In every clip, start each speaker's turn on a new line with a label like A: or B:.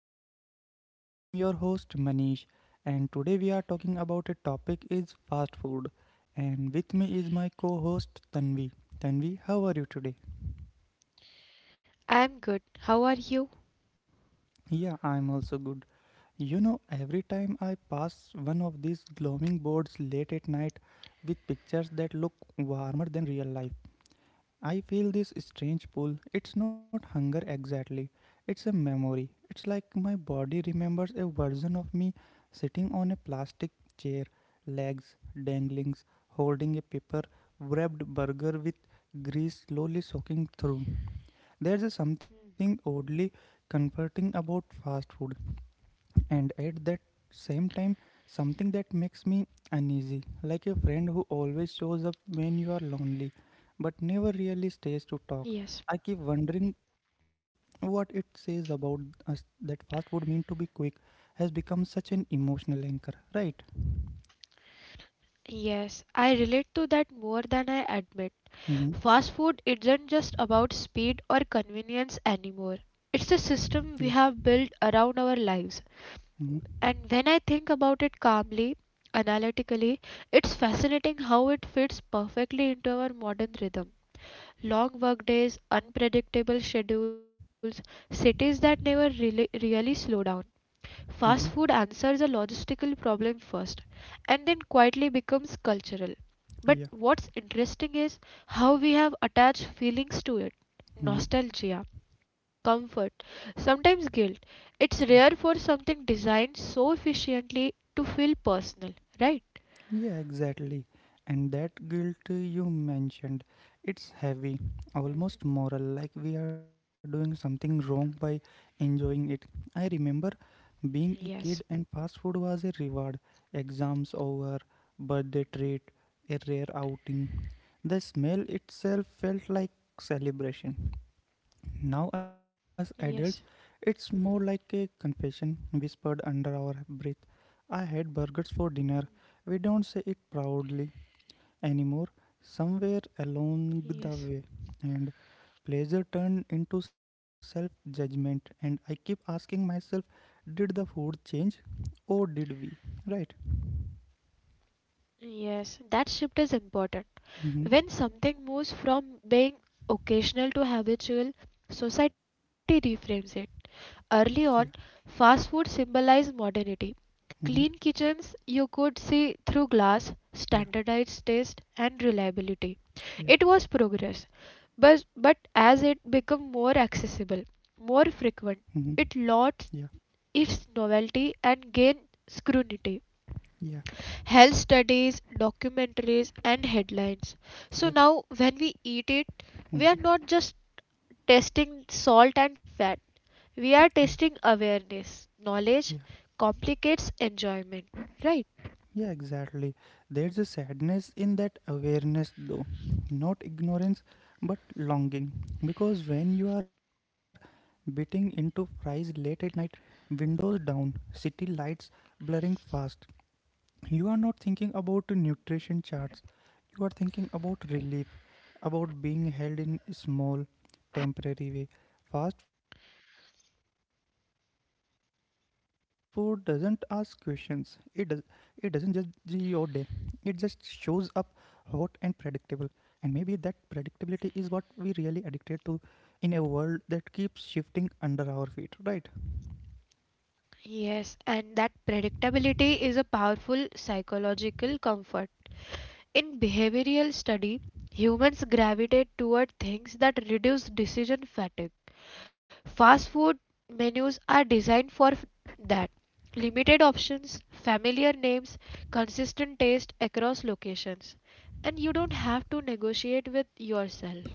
A: podcast. I'm your host Manish, and today we are talking about a topic is fast food. And with me is my co-host Tanvi. Tanvi, how are you today?
B: I'm good. How are you?
A: Yeah, I'm also good. Every time I pass one of these gloaming boards late at night with pictures that look warmer than real life, I feel this strange pull. It's not hunger exactly, it's a memory. It's like my body remembers a version of me sitting on a plastic chair, legs dangling, holding a paper wrapped burger with grease slowly soaking through. There's a something oddly comforting about fast food, and at that same time something that makes me uneasy, like a friend who always shows up when you are lonely but never really stays to talk. I keep
B: Yes.
A: wondering what it says about us, that fast food, mean to be quick, has become such an emotional anchor, right?
B: Yes, I relate to that more than I admit.
A: Mm-hmm.
B: Fast food isn't just about speed or convenience anymore. It's
A: Yeah.
B: a system we have built around our lives.
A: Mm-hmm.
B: And when I think about it calmly, analytically, it's fascinating how it fits perfectly into our modern rhythm. Long work days, unpredictable schedules, cities that never really slow down. Fast
A: Mm-hmm.
B: food answers a logistical problem first and then quietly becomes cultural. But
A: Yeah.
B: what's interesting is how we have attached feelings to it
A: Mm-hmm.
B: nostalgia, comfort, sometimes guilt. It's
A: Yeah.
B: rare for something designed so efficiently to feel personal, right?
A: Yeah, exactly. And that guilt you mentioned, it's heavy, almost moral, like we are doing something wrong by enjoying it. I remember being a kid and fast food was a reward, exams over, birthday treat, a rare outing. The smell itself felt like celebration. Now, as adults, it's more like a confession whispered under our breath. I had burgers for dinner. We don't say it proudly anymore. Somewhere along the way, and pleasure turned into self judgment. And I keep asking myself, did the food change or did we? Right?
B: Yes, that shift is important.
A: Mm-hmm.
B: When something moves from being occasional to habitual, society reframes it. Early
A: Yeah.
B: on, fast food symbolized modernity.
A: Mm-hmm.
B: Clean kitchens you could see through glass,
A: Yeah.
B: standardized taste, and reliability.
A: Yeah.
B: It was progress, but as it became more accessible, more
A: Mm-hmm.
B: frequent,
A: Yeah.
B: it lost its novelty and gained scrutiny.
A: Yeah.
B: Health studies, documentaries, and headlines. So
A: Yeah.
B: now, when we eat it, we are
A: Mm-hmm.
B: not just testing salt and fat.
A: Yeah.
B: We are testing awareness.
A: Yeah.
B: Knowledge complicates enjoyment, right?
A: Yeah, exactly. There's a sadness in that awareness, though. Not ignorance, but longing. Because when you are biting into fries late at night, windows down, city lights blurring fast, you are not thinking about nutrition charts, you are thinking about relief, about being held in a small temporary way. Fast food doesn't ask questions, it doesn't judge your day, it just shows up hot and predictable, and maybe that predictability is what we really addicted to, in a world that keeps shifting under our feet, right?
B: Yes, and that predictability is a powerful psychological comfort. In behavioral study, humans gravitate toward things that reduce decision fatigue. Fast food menus are designed for that. Limited options, familiar names, consistent taste across locations. And you don't have to negotiate with yourself.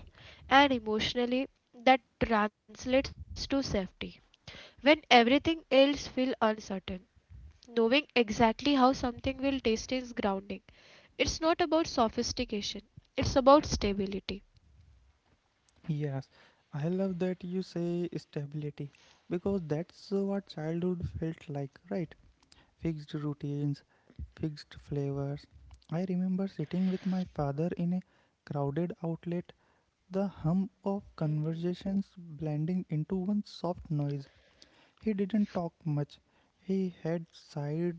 B: And emotionally, that translates to safety. When everything else feels uncertain, knowing exactly how something will taste is grounding. It's not about sophistication, it's about stability.
A: Yes, I love that you say stability because that's what childhood felt like, right? Fixed routines, fixed flavors. I remember sitting with my father in a crowded outlet, the hum of conversations blending into one soft noise. He didn't talk much. He had sighed,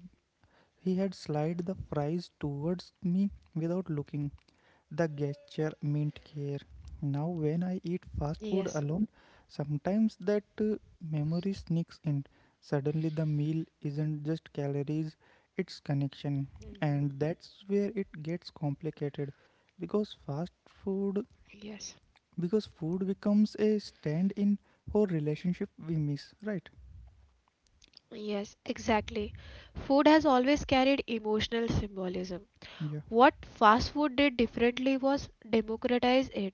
A: he had slid the fries towards me without looking, the gesture meant care. Now, when I eat fast food
B: Yes.
A: alone, sometimes that memory sneaks in. Suddenly, the meal isn't just calories, it's connection. And that's where it gets complicated, because fast food
B: Yes.
A: because food becomes a stand in for relationship we miss, right?
B: Yes, exactly. Food has always carried emotional symbolism.
A: Yeah.
B: What fast food did differently was democratize it.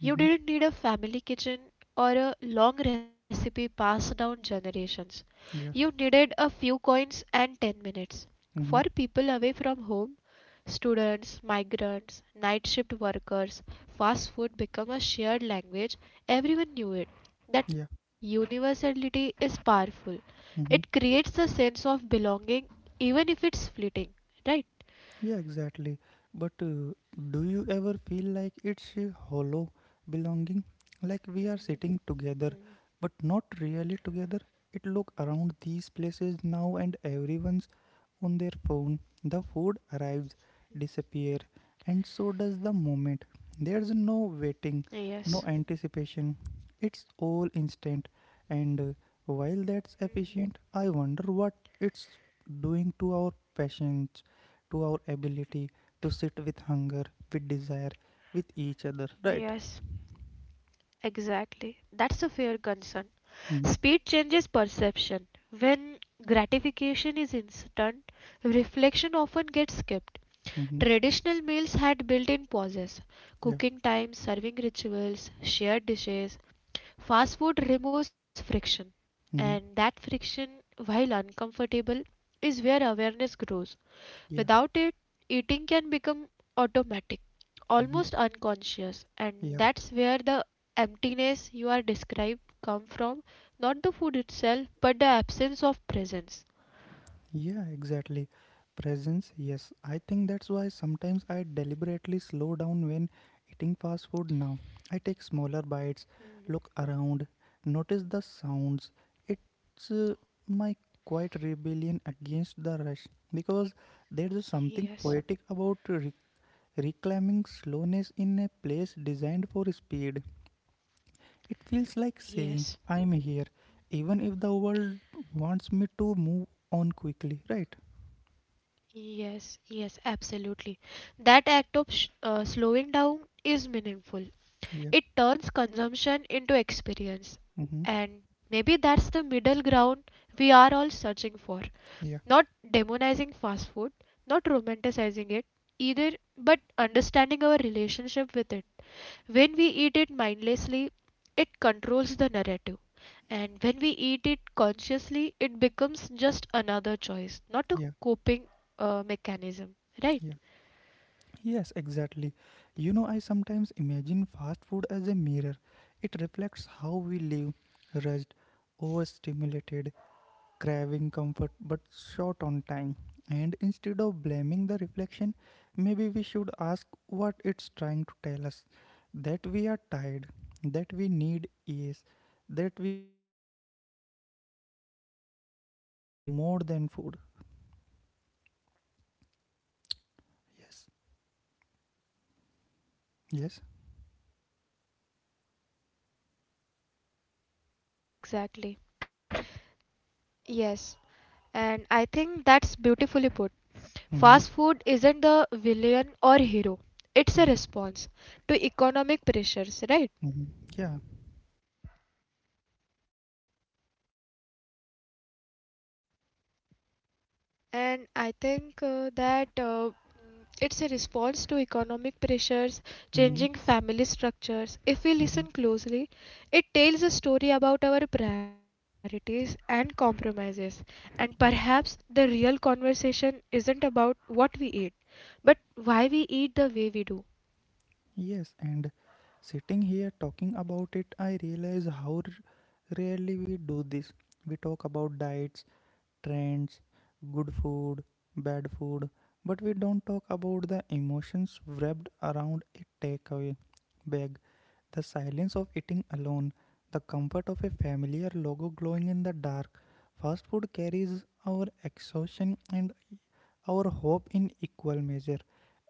B: You
A: Mm-hmm.
B: didn't need a family kitchen or a long recipe passed down generations. You
A: Yeah.
B: needed a few coins and 10 minutes. For
A: Mm-hmm.
B: people away from home, students, migrants, night shift workers, fast food became a shared language. Everyone knew it.
A: Yeah.
B: That universality is powerful.
A: Mm-hmm.
B: It creates a sense of belonging even if it's fleeting, right?
A: Yeah, exactly. But do you ever feel like it's a hollow belonging? Like we are sitting together, but not really together. It look around these places now, and everyone's on their phone. The food arrives, disappear, and so does the moment. There's no waiting, no
B: Yes,
A: anticipation. It's all instant, and while that's efficient, I wonder what it's doing to our passion, to our ability to sit with hunger, with desire, with each other, right?
B: yes, exactly. That's a fair concern.
A: Mm-hmm.
B: Speed changes perception. When gratification is instant, reflection often gets skipped.
A: Mm-hmm.
B: Traditional meals had built in pauses,
A: Yeah.
B: cooking time, serving rituals, shared dishes. Fast food removes friction, and
A: Mm-hmm.
B: that friction, while uncomfortable, is where awareness grows.
A: Yeah.
B: Without it, eating can become automatic,
A: Mm-hmm.
B: almost unconscious, and
A: Yeah.
B: that's where the emptiness you are described come from, not the food itself, but the absence of presence.
A: Yeah, exactly. Presence, yes. I think that's why sometimes I deliberately slow down when eating fast food now. I take smaller bites, look around, notice the sounds. It's my quiet rebellion against the rush, because there's something
B: Yes,
A: poetic about reclaiming slowness in a place designed for speed. It feels like saying,
B: yes,
A: I'm here, even if the world wants me to move on quickly, right?
B: yes, yes, absolutely. That act of slowing down is meaningful.
A: Yeah.
B: It turns consumption into experience,
A: Mm-hmm.
B: and maybe that's the middle ground we are all searching for.
A: Yeah.
B: Not demonizing fast food, not romanticizing it either, but understanding our relationship with it. When we eat it mindlessly, it controls the narrative. And when we eat it consciously, it becomes just another choice, not a
A: Yeah.
B: coping mechanism. Right?
A: Yeah. Yes, exactly. I sometimes imagine fast food as a mirror. It reflects how we live, rushed, overstimulated, craving comfort but short on time. And instead of blaming the reflection, maybe we should ask what it's trying to tell us, that we are tired, that we need ease, that we are hungry for more than food. Yes, yes.
B: Yes, exactly. Yes. And I think that's beautifully put.
A: Mm-hmm.
B: Fast food isn't the villain or hero, it's
A: Yeah.
B: a response to economic pressures, right?
A: Mm-hmm. Yeah.
B: And I think it's a response to economic pressures,
A: Mm-hmm.
B: changing family structures. If we
A: Mm-hmm.
B: listen closely, it tells a story about our priorities and compromises. And perhaps
A: Yeah.
B: the real conversation isn't about what we eat, but why we eat the way we do.
A: Yes. And sitting here talking about it, I realize how rarely we do this. We talk about diets, trends, good food, bad food, but we don't talk about the emotions wrapped around a takeaway bag, the silence of eating alone, the comfort of a familiar logo glowing in the dark. Fast food carries our exhaustion and our hope in equal measure,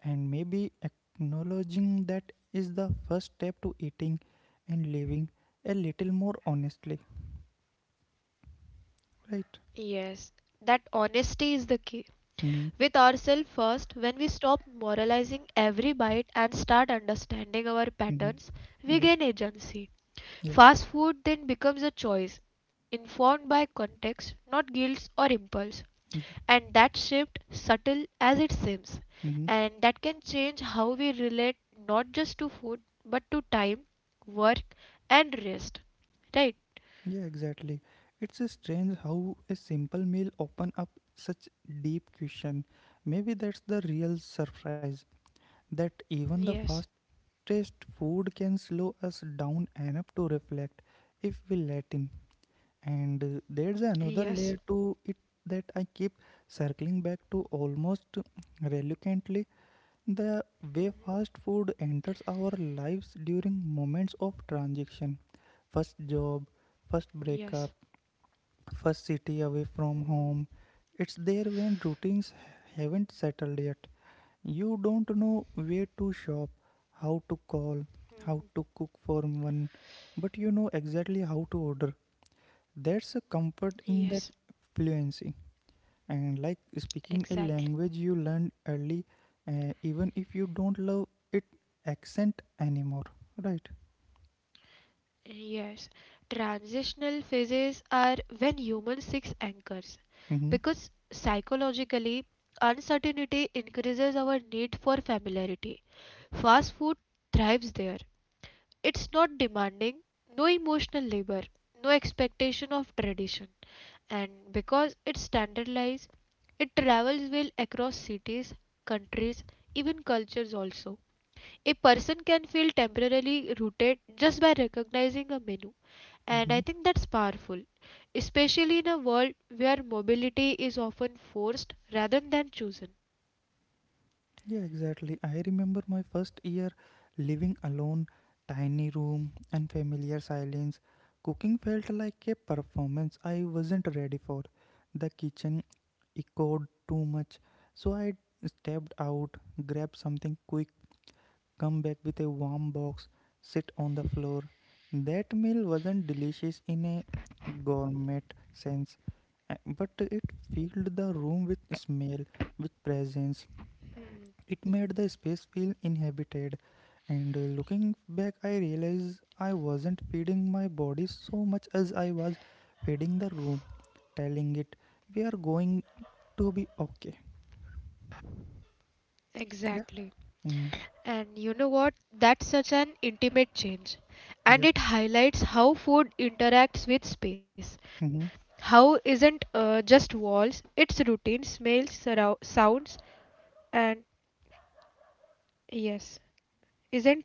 A: and maybe acknowledging that is the first step to eating and living a little more honestly, right?
B: Yes, that honesty is the key.
A: Mm-hmm.
B: With ourselves first, when we stop moralizing every bite and start understanding our
A: Mm-hmm.
B: patterns, we
A: Yeah,
B: gain agency.
A: yeah,
B: Fast food then becomes a choice, informed by context, not guilt or impulse.
A: yeah.
B: And that shift, subtle as it seems,
A: Hmm.
B: and that can change how we relate not just to food but to time, work, and rest. Right?
A: Yeah, exactly. It's a strange how a simple meal open up such deep question. Maybe that's the real surprise, that even the fastest food can slow us down enough to reflect if we let in. And there's another layer to it that I keep circling back to almost reluctantly. The way fast food enters our lives during moments of transition, first job, first breakup, first city away from home. It's there when routines haven't settled yet. You don't know where to shop, how to call, how to cook for one, but you know exactly how to order. There's a comfort in
B: Yes,
A: that fluency, and like speaking a
B: exactly.
A: language you learned early, even if you don't love it accent anymore, right?
B: Yes, transitional phases are when humans seek anchors
A: Mm-hmm.
B: because psychologically uncertainty increases our need for familiarity. Fast food thrives there. It's not demanding, no emotional labor, no expectation of tradition, and because it's standardized, it travels well across cities, countries, even cultures also. A person can feel temporarily rooted just by recognizing a menu and
A: Mm-hmm.
B: I think that's powerful, especially in a world where mobility is often forced rather than chosen.
A: Yeah, exactly. I remember my first year living alone, tiny room and familiar silence, cooking felt like a performance I wasn't ready for. The kitchen echoed too much, so I stepped out, grabbed something quick, come back with a warm box, sit on the floor. That meal wasn't delicious in a gourmet sense, but it filled the room with smell, with presence. It made the space feel inhabited. And looking back, I realized I wasn't feeding my body so much as I was feeding the room, telling it, we are going to be okay. Yeah.
B: Exactly.
A: Mm,
B: And you know what? That's such an intimate change.
A: yeah.
B: And it highlights how food interacts with space.
A: Hmm.
B: How isn't just walls, it's routine, smells, sounds, and yes,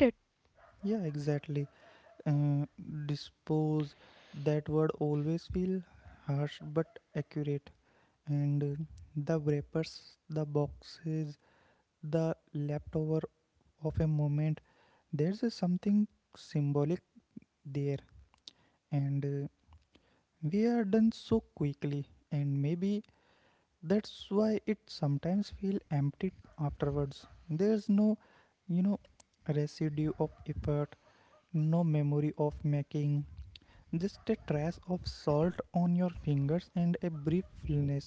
B: isn't it?
A: Yeah, exactly. uh, dispose that word always feel harsh but accurate, and the wrappers, the boxes, the leftover of a moment, there's a something symbolic there. And we are done so quickly, and maybe that's why it sometimes feel empty afterwards, there's no, you know residue of effort, no memory of making. Just a trace of salt on your fingers and a brief fullness.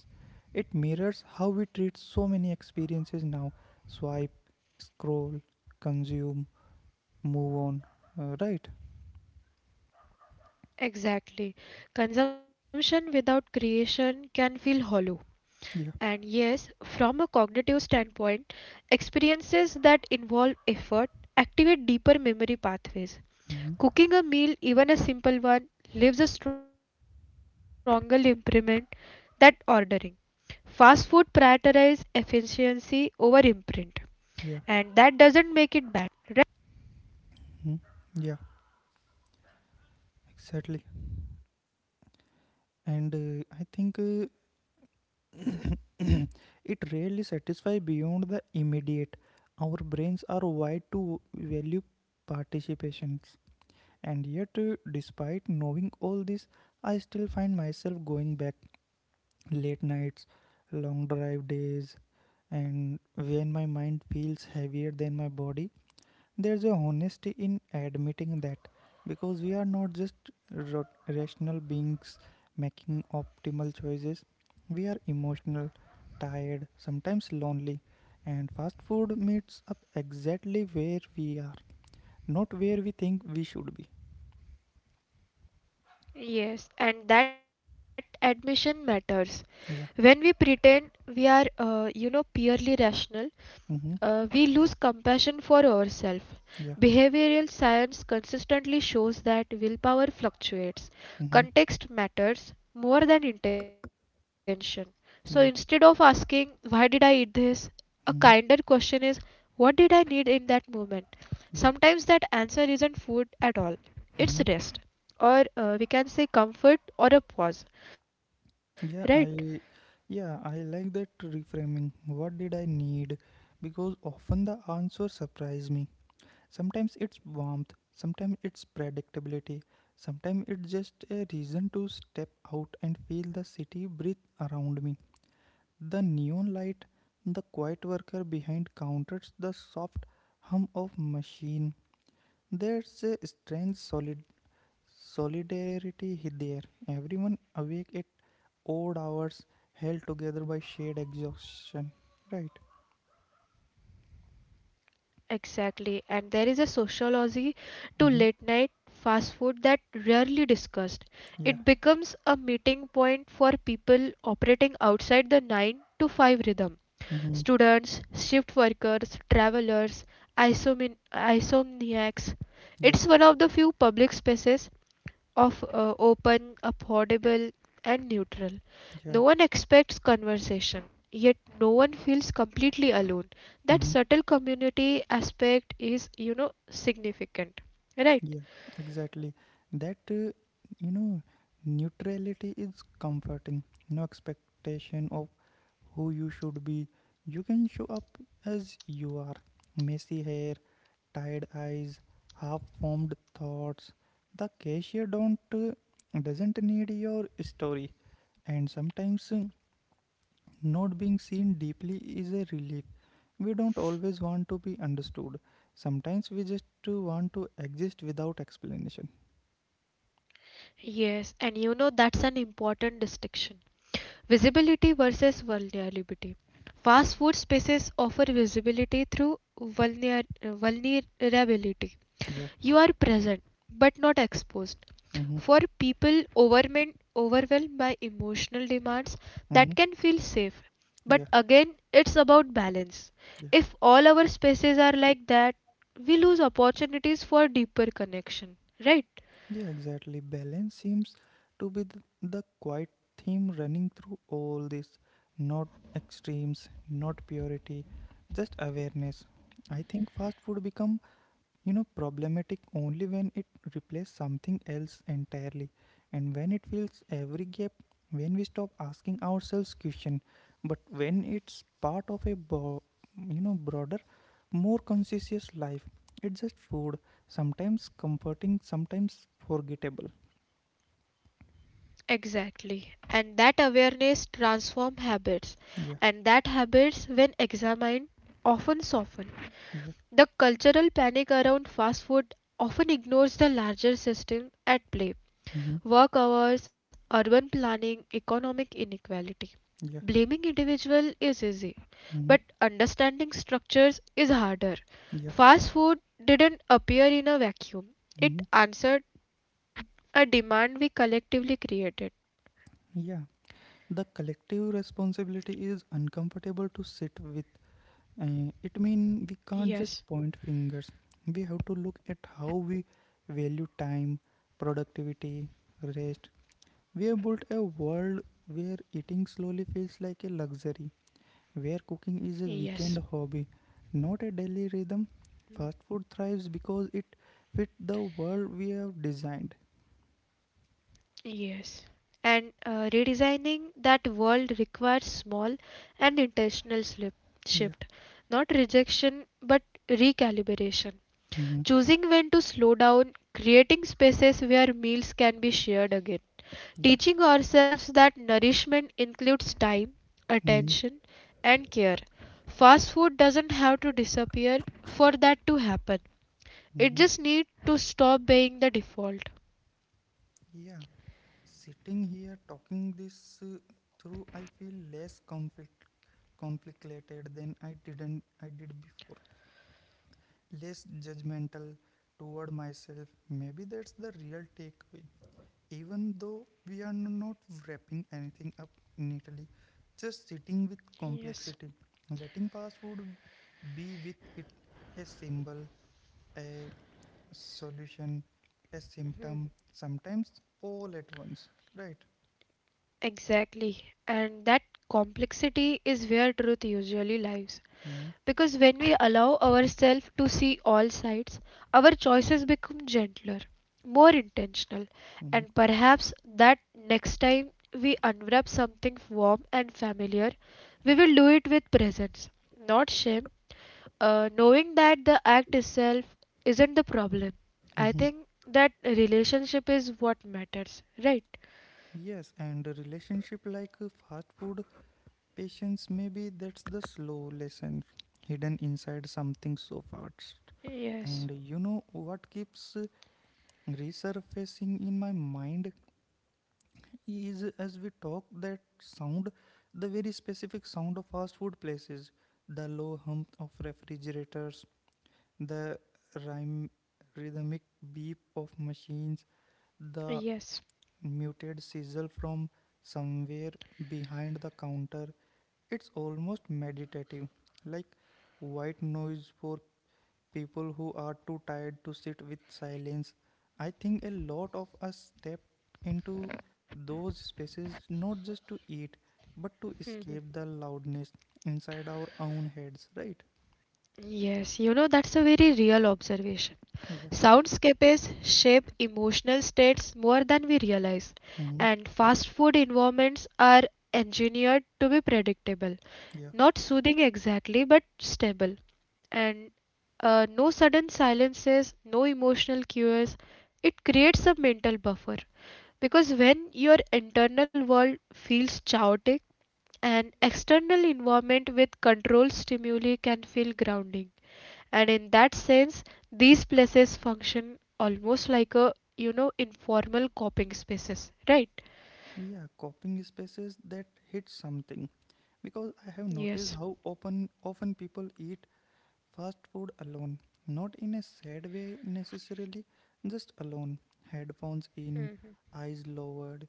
A: It mirrors how we treat so many experiences now, swipe, scroll, consume, move on. Right?
B: Exactly. Consumption without creation can feel hollow.
A: Yeah.
B: And yes, from a cognitive standpoint, experiences that involve effort activate deeper memory
A: Mhm.
B: pathways. Cooking a meal, even a simple one, leaves a stronger imprint than ordering. Fast food prioritizes efficiency over imprint,
A: Yeah.
B: and that doesn't make it bad.
A: Mhm. Yeah. Exactly. And I think it rarely satisfies beyond the immediate. Our brains are wired to value participations. And yet, despite knowing all this, I still find myself going back, late nights, long drive days, and when my mind feels heavier than my body, there's a honesty in admitting that, because we are not just rational beings making optimal choices, we are emotional, tired, sometimes lonely, and fast food meets up exactly where we are, not where we think we should be.
B: Yes, and that admission matters.
A: Yeah.
B: When we pretend we are, you know, purely rational,
A: Mm-hmm.
B: we lose compassion for
A: Yeah.
B: ourselves. Behavioral science consistently shows that willpower
A: Mm-hmm.
B: fluctuates. Context matters more than intention. So
A: Yeah.
B: instead of asking, why did I eat this? A
A: Mm-hmm.
B: kinder question is, what did I need in that moment?
A: Yeah.
B: Sometimes that answer isn't food at all,
A: Mm-hmm.
B: it's rest or we can say comfort or a pause, right?
A: Yeah, I like that reframing. What did I need? Because often the answer surprised me. Sometimes it's warmth, sometimes it's predictability, sometimes it's just a reason to step out and feel the city breathe around me. The neon light, the quiet worker behind counters, the soft hum of machine. There's a strange Solidarity hit there. Everyone awake at odd hours, held together by shared exhaustion. Right?
B: Exactly. And there is a sociology to
A: Mm-hmm.
B: late night fast food that rarely discussed.
A: Yeah.
B: It becomes a meeting point for people operating outside the 9 to 5 rhythm.
A: Mm-hmm.
B: Students, shift workers, travelers, isomniacs.
A: Yeah.
B: It's one of the few public spaces of open, affordable, and neutral.
A: Yeah.
B: No one expects conversation, yet no one feels completely alone. That
A: Mm-hmm.
B: subtle community aspect is, you know, significant. Right?
A: Yeah. Exactly. That, you know, neutrality is comforting. No expectation of who you should be. You can show up as you are, messy hair, tired eyes, half formed thoughts. The cashier don't doesn't need your story, and sometimes not being seen deeply is a relief. We don't always want to be understood. Sometimes we just want to exist without explanation.
B: Yes, and you know that's an important distinction. Visibility versus vulnerability. Fast food spaces offer visibility through vulnerability.
A: Yeah.
B: You are present but not exposed.
A: Mm-hmm.
B: For people overwhelmed by emotional demands that
A: Mm-hmm.
B: can feel safe, but
A: Yeah.
B: again it's about balance.
A: Yeah.
B: If all our spaces are like that, we lose opportunities for deeper connection, right?
A: Yeah, exactly. Balance seems to be the quiet theme running through all this. Not extremes, not purity, just awareness. I think fast food become, problematic only when it replaces something else entirely, and when it fills every gap, when we stop asking ourselves question. But when it's part of a broader, more conscious life, it's just food, sometimes comforting, sometimes forgettable.
B: Exactly, and that awareness transform habits,
A: Yeah.
B: and that habits when examined often soften.
A: Yeah.
B: The cultural panic around fast food often ignores the larger system at play:
A: Mm-hmm.
B: work hours, urban planning, economic inequality.
A: Yeah.
B: Blaming individual is easy,
A: Mm-hmm.
B: but understanding structures is harder.
A: Yeah.
B: Fast food didn't appear in a vacuum. It
A: Mm-hmm.
B: answered a demand we collectively created.
A: Yeah. The collective responsibility is uncomfortable to sit with. It means we can't just
B: Yes,
A: point fingers. We have to look at how we value time, productivity, rest. We have built a world where eating slowly feels like a luxury, where cooking is a weekend hobby, not a daily rhythm. Fast food thrives because it fit the world we have designed.
B: yes. And redesigning that world requires small and intentional slip
A: Yeah.
B: shift, not rejection but recalibration.
A: Mm-hmm.
B: Choosing when to slow down, creating spaces where meals can be shared again,
A: Yeah.
B: teaching ourselves that nourishment includes time,
A: Mm-hmm.
B: attention, and care. Fast food doesn't have to disappear for that to happen. It
A: Mm-hmm.
B: just needs to stop being the default.
A: Yeah. Sitting here talking this through, I feel less conflicted than I didn't I did before. Less judgmental toward myself. Maybe that's the real takeaway. Even though we are not wrapping anything up neatly, just sitting with
B: Yes,
A: complexity, letting fast food be with it a symbol, a solution, a symptom, sometimes all at once. Right?
B: exactly. And that complexity is where truth usually lies.
A: Mm-hmm.
B: Because when we allow ourselves to see all sides, our choices become gentler, more intentional,
A: Mm-hmm.
B: and perhaps that next time we unwrap something warm and familiar, we will do it with presence, not shame. Knowing that the act itself isn't the problem. I
A: Mhm.
B: think that relationship is what matters, right?
A: Yes, and a relationship like fast food, patience, maybe that's the slow lesson hidden inside something so fast. And
B: Yes,
A: you know what keeps resurfacing in my mind is as we talk that sound, the very specific sound of fast food places, the low hum of refrigerators, the rhyme, rhythmic beep of machines, the
B: yes,
A: muted sizzle from somewhere behind the counter. It's almost meditative, like white noise for people who are too tired to sit with silence. I think a lot of us step into those spaces not just to eat, but to escape the loudness inside our own heads, right?
B: yes. You know, that's a very real observation.
A: Yeah.
B: Soundscapes shape emotional states more than we realize,
A: Hmm.
B: and fast food environments are engineered to be predictable,
A: Yeah.
B: not soothing exactly, but stable. And no sudden silences, no emotional cues. It creates a mental buffer because when your internal world feels chaotic, an external environment with controlled stimuli can feel grounding, and in that sense these places function almost like a, you know, informal coping spaces, right?
A: Yeah. Coping spaces that hit something because I have noticed
B: Yes,
A: how open often people eat fast food alone, not in a sad way necessarily, just alone. Headphones in, eyes lowered,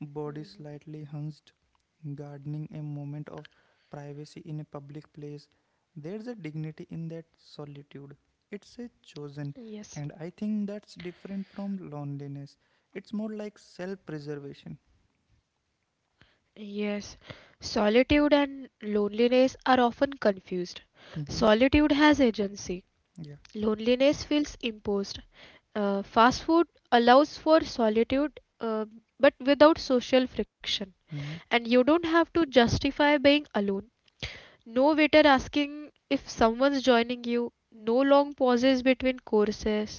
A: body slightly hunched, gardening a moment of privacy in a public place. There's a dignity in that solitude. It's a chosen,
B: yes,
A: and I think that's different from loneliness. It's more like self preservation.
B: yes. Solitude and loneliness are often confused.
A: Mm-hmm.
B: Solitude has agency,
A: Yeah.
B: loneliness feels imposed. Fast food allows for solitude but without social friction,
A: Mm-hmm.
B: and you don't have to justify being alone. No waiter asking if someone's joining you, no long pauses between courses.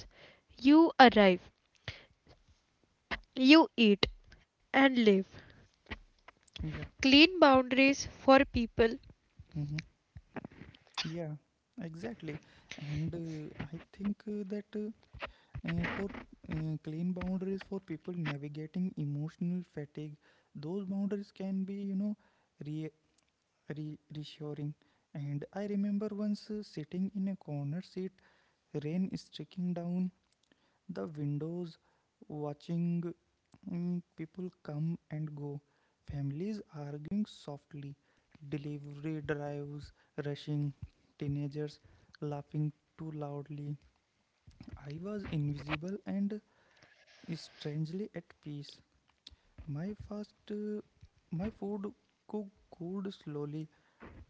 B: You arrive, you eat, and live.
A: Yeah.
B: Clean boundaries for people,
A: Mm-hmm. Yeah. Exactly. And I think that for clean boundaries for people navigating emotional fatigue, those boundaries can be, you know, re- reassuring. And I remember once sitting in a corner seat, rain streaking down the windows, watching people come and go, families arguing softly, delivery drives rushing, teenagers laughing too loudly. I was invisible and is strangely at peace. My fast, uh, my food cook cooled slowly,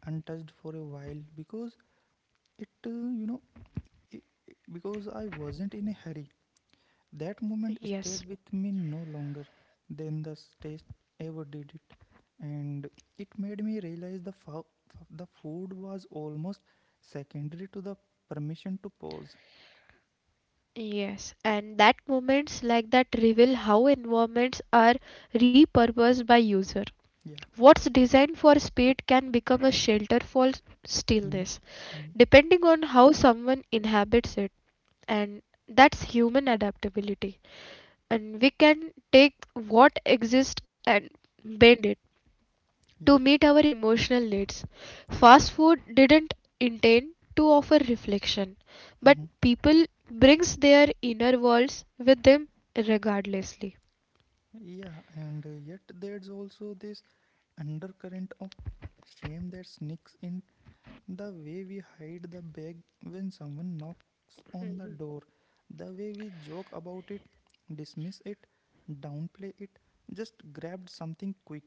A: untouched for a while because it, you know, I- because I wasn't in a hurry. That moment stayed with me no longer than the taste ever did it, and it made me realize the food was almost secondary to the permission to pause.
B: and that moments like that reveal how environments are repurposed by user.
A: Yeah.
B: What's designed for speed can become a shelter for
A: Mhm.
B: stillness,
A: Mhm.
B: depending on how someone inhabits it, and that's human adaptability. And we can take what exists and bend it
A: Yeah.
B: to meet our emotional needs.
A: Yeah.
B: Fast food didn't intend to offer reflection, but
A: Mhm.
B: people brings their inner worlds with them regardlessly.
A: Yeah, and yet there's also this undercurrent of shame that sneaks in the way we hide the bag when someone knocks on the door, the way we joke about it, dismiss it, downplay it, just grabbed something quick,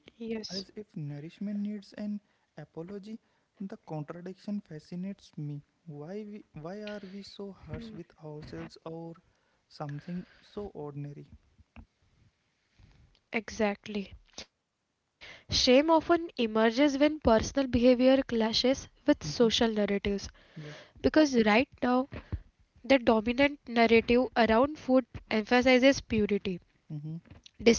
A: as if nourishment needs an apology. The contradiction fascinates me. Why are we so harsh with ourselves or something so ordinary?
B: Exactly. Shame often emerges when personal behavior clashes with
A: Hmm.
B: social narratives
A: Yeah.
B: because right now the dominant narrative around food emphasizes purity,
A: Mhm.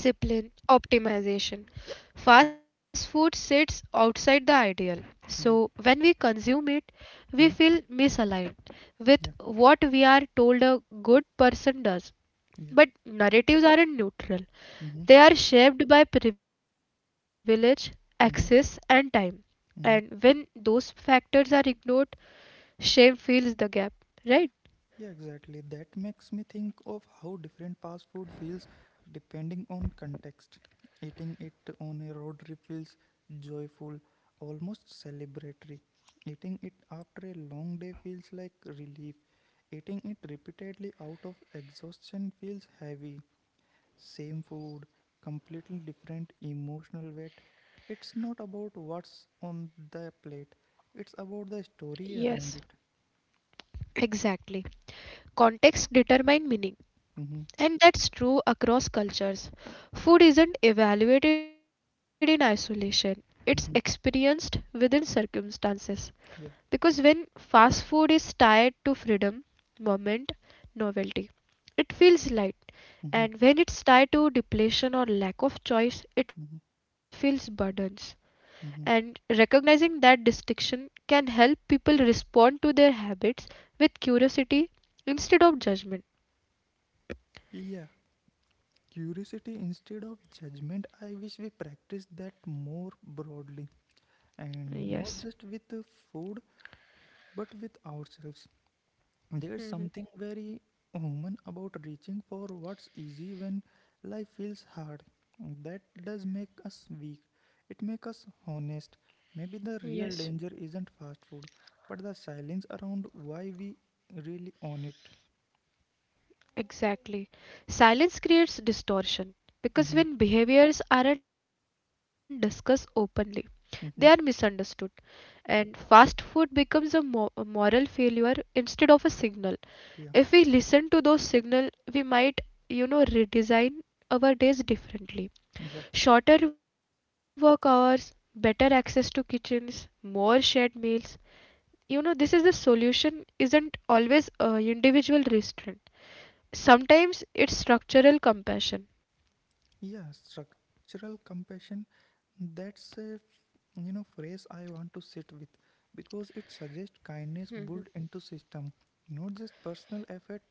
B: discipline, optimization. Fast food sits outside the ideal. So
A: Yeah.
B: when we consume it, we
A: Mm-hmm.
B: feel misaligned with
A: Yeah.
B: what we are told a good person does.
A: Yeah.
B: But narratives aren't neutral.
A: Mm-hmm.
B: They are shaped by privilege, access, and time.
A: Mm-hmm.
B: And when those
A: Mm-hmm.
B: factors are ignored, shame fills the gap, right?
A: Yeah, exactly. That makes me think of how different fast food feels depending on context. Eating it on a road trip feels joyful, almost celebratory. Eating it after a long day feels like relief. Eating it repeatedly out of exhaustion feels heavy. Same food, completely different emotional weight. It's not about what's on the plate, it's about the story around it.
B: Exactly. Context determine meaning.
A: Mm-hmm,
B: And that's true across cultures. Food isn't evaluated in isolation, it's experienced
A: mm-hmm,
B: within circumstances. Because
A: yeah.
B: when fast food is tied to freedom, moment, novelty, it feels light. And
A: Mm-hmm,
B: when it's tied to depletion or lack of choice, it
A: mm-hmm,
B: feels burdens. And
A: mm-hmm.
B: recognizing that distinction can help people respond to their habits with curiosity instead of judgment.
A: Yeah, curiosity instead of judgment. I wish we practice that more broadly and not just with the food but with ourselves. There's something very human about reaching for what's easy when life feels hard. That does make us weak. It makes us honest. Maybe the real danger isn't fast food, but the silence around why we really own it.
B: Exactly. Silence creates distortion
A: Mm-hmm.
B: because when behaviors aren't discussed openly, they are
A: Mm-hmm.
B: misunderstood. And fast food becomes a, a moral failure instead of a signal. If
A: Yeah.
B: we listen to those signals, we might, you know, redesign our days differently.
A: Yeah.
B: Shorter work hours, better access to kitchens, more shared meals. You know, this is the solution, isn't always individual restraint. Sometimes it's structural compassion.
A: Yeah, structural compassion. That's a you know phrase I want to sit with because it suggests kindness built into system, not just personal effort.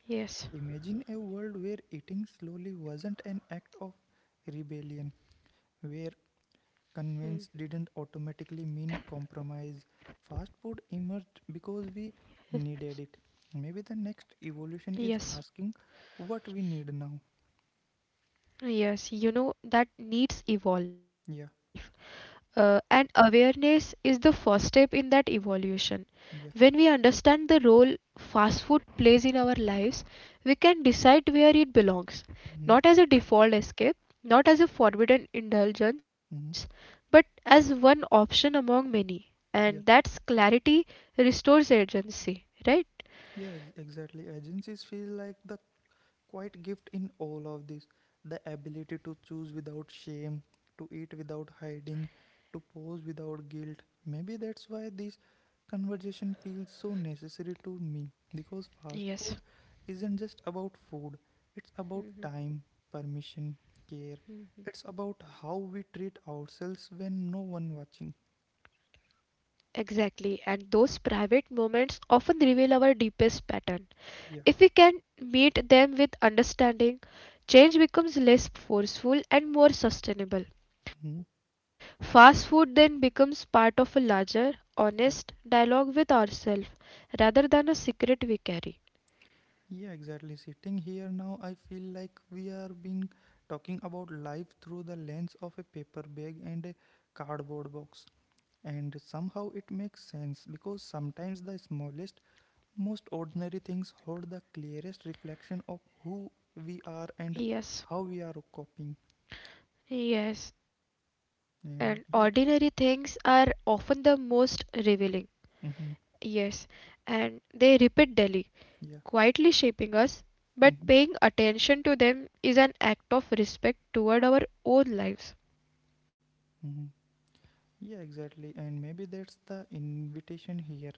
A: Imagine a world where eating slowly wasn't an act of rebellion, where convenience didn't automatically mean compromise. Fast food emerged because we needed it. Maybe the next evolution is
B: Yes,
A: asking what we need now.
B: yes, that needs
A: Yeah,
B: evolve. And awareness is the first step in that evolution.
A: yeah.
B: When we understand the role fast food plays in our lives, we can decide where it belongs,
A: Mm-hmm.
B: not as a default escape, not as a forbidden
A: Mm-hmm.
B: indulgence, but as one option among many.
A: Yeah.
B: And that's clarity restores agency, right?
A: Yeah, exactly. Agencies feel like the quiet gift in all of this the ability to choose without shame, to eat without hiding, to pose without guilt. Maybe that's why this conversation feels so necessary to me because fast food isn't just about food, it's about time, permission, care. It's about how we treat ourselves when no one watching.
B: Exactly, and those private moments often reveal our deepest pattern.
A: Yeah.
B: If we can meet them with understanding, change becomes less forceful and more sustainable.
A: Mhm.
B: Fast food then becomes part of a larger, honest dialogue with ourselves rather than a secret we carry.
A: Yeah, exactly. Sitting here now, I feel like we are being talking about life through the lens of a paper bag and a cardboard box. And somehow it makes sense because sometimes the smallest, most ordinary things hold the clearest reflection of who we are and how we are
B: Yes,
A: coping.
B: yes, and
A: Yeah, right?
B: ordinary things are often the most revealing.
A: Mm-hmm.
B: Yes, and they repeat daily,
A: Yeah.
B: quietly shaping us,
A: Mm-hmm.
B: but paying attention to them is an act of respect toward our own lives.
A: Mm-hmm. Yeah, exactly. And maybe that's the invitation here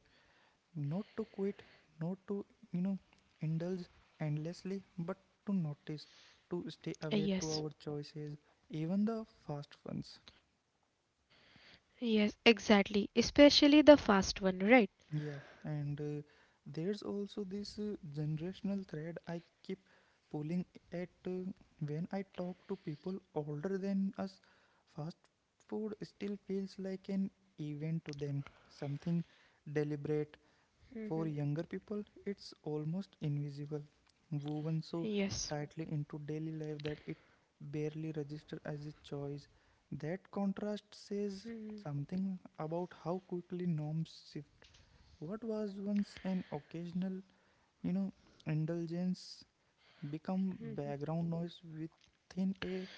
A: not to quit, not to, you know, indulge endlessly, but to notice, to stay awake to our
B: Yes,
A: choices, even the fast ones.
B: yes, exactly. Especially the fast one, right?
A: Yeah, and there's also this generational thread I keep pulling at when I talk to people older than us. Fast food still feels like an event to them, something deliberate. For younger people, it's almost invisible, woven so tightly into daily life that it barely registers as a choice. That contrast says something about how quickly norms shift. What was once an occasional, you know, indulgence become background noise within a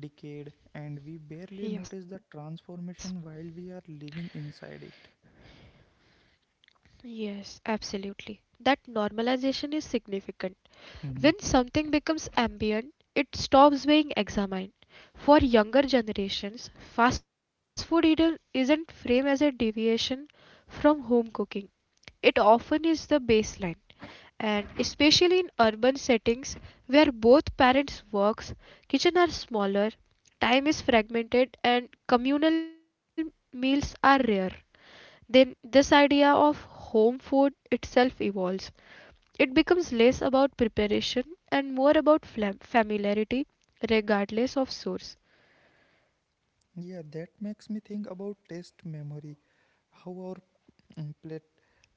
A: decade, and we barely notice the transformation while we are living inside it.
B: Yes, absolutely. That normalization is significant. When something becomes ambient, it stops being examined. For younger generations, fast food eater isn't framed as a deviation from home cooking. It often is the baseline, and especially in urban settings where both parents works, kitchen are smaller, time is fragmented, and communal meals are rare, then this idea of home food itself evolves. It becomes less about preparation and more about familiarity, regardless of source.
A: Yeah, that makes me think about taste memory. How our mm, plate,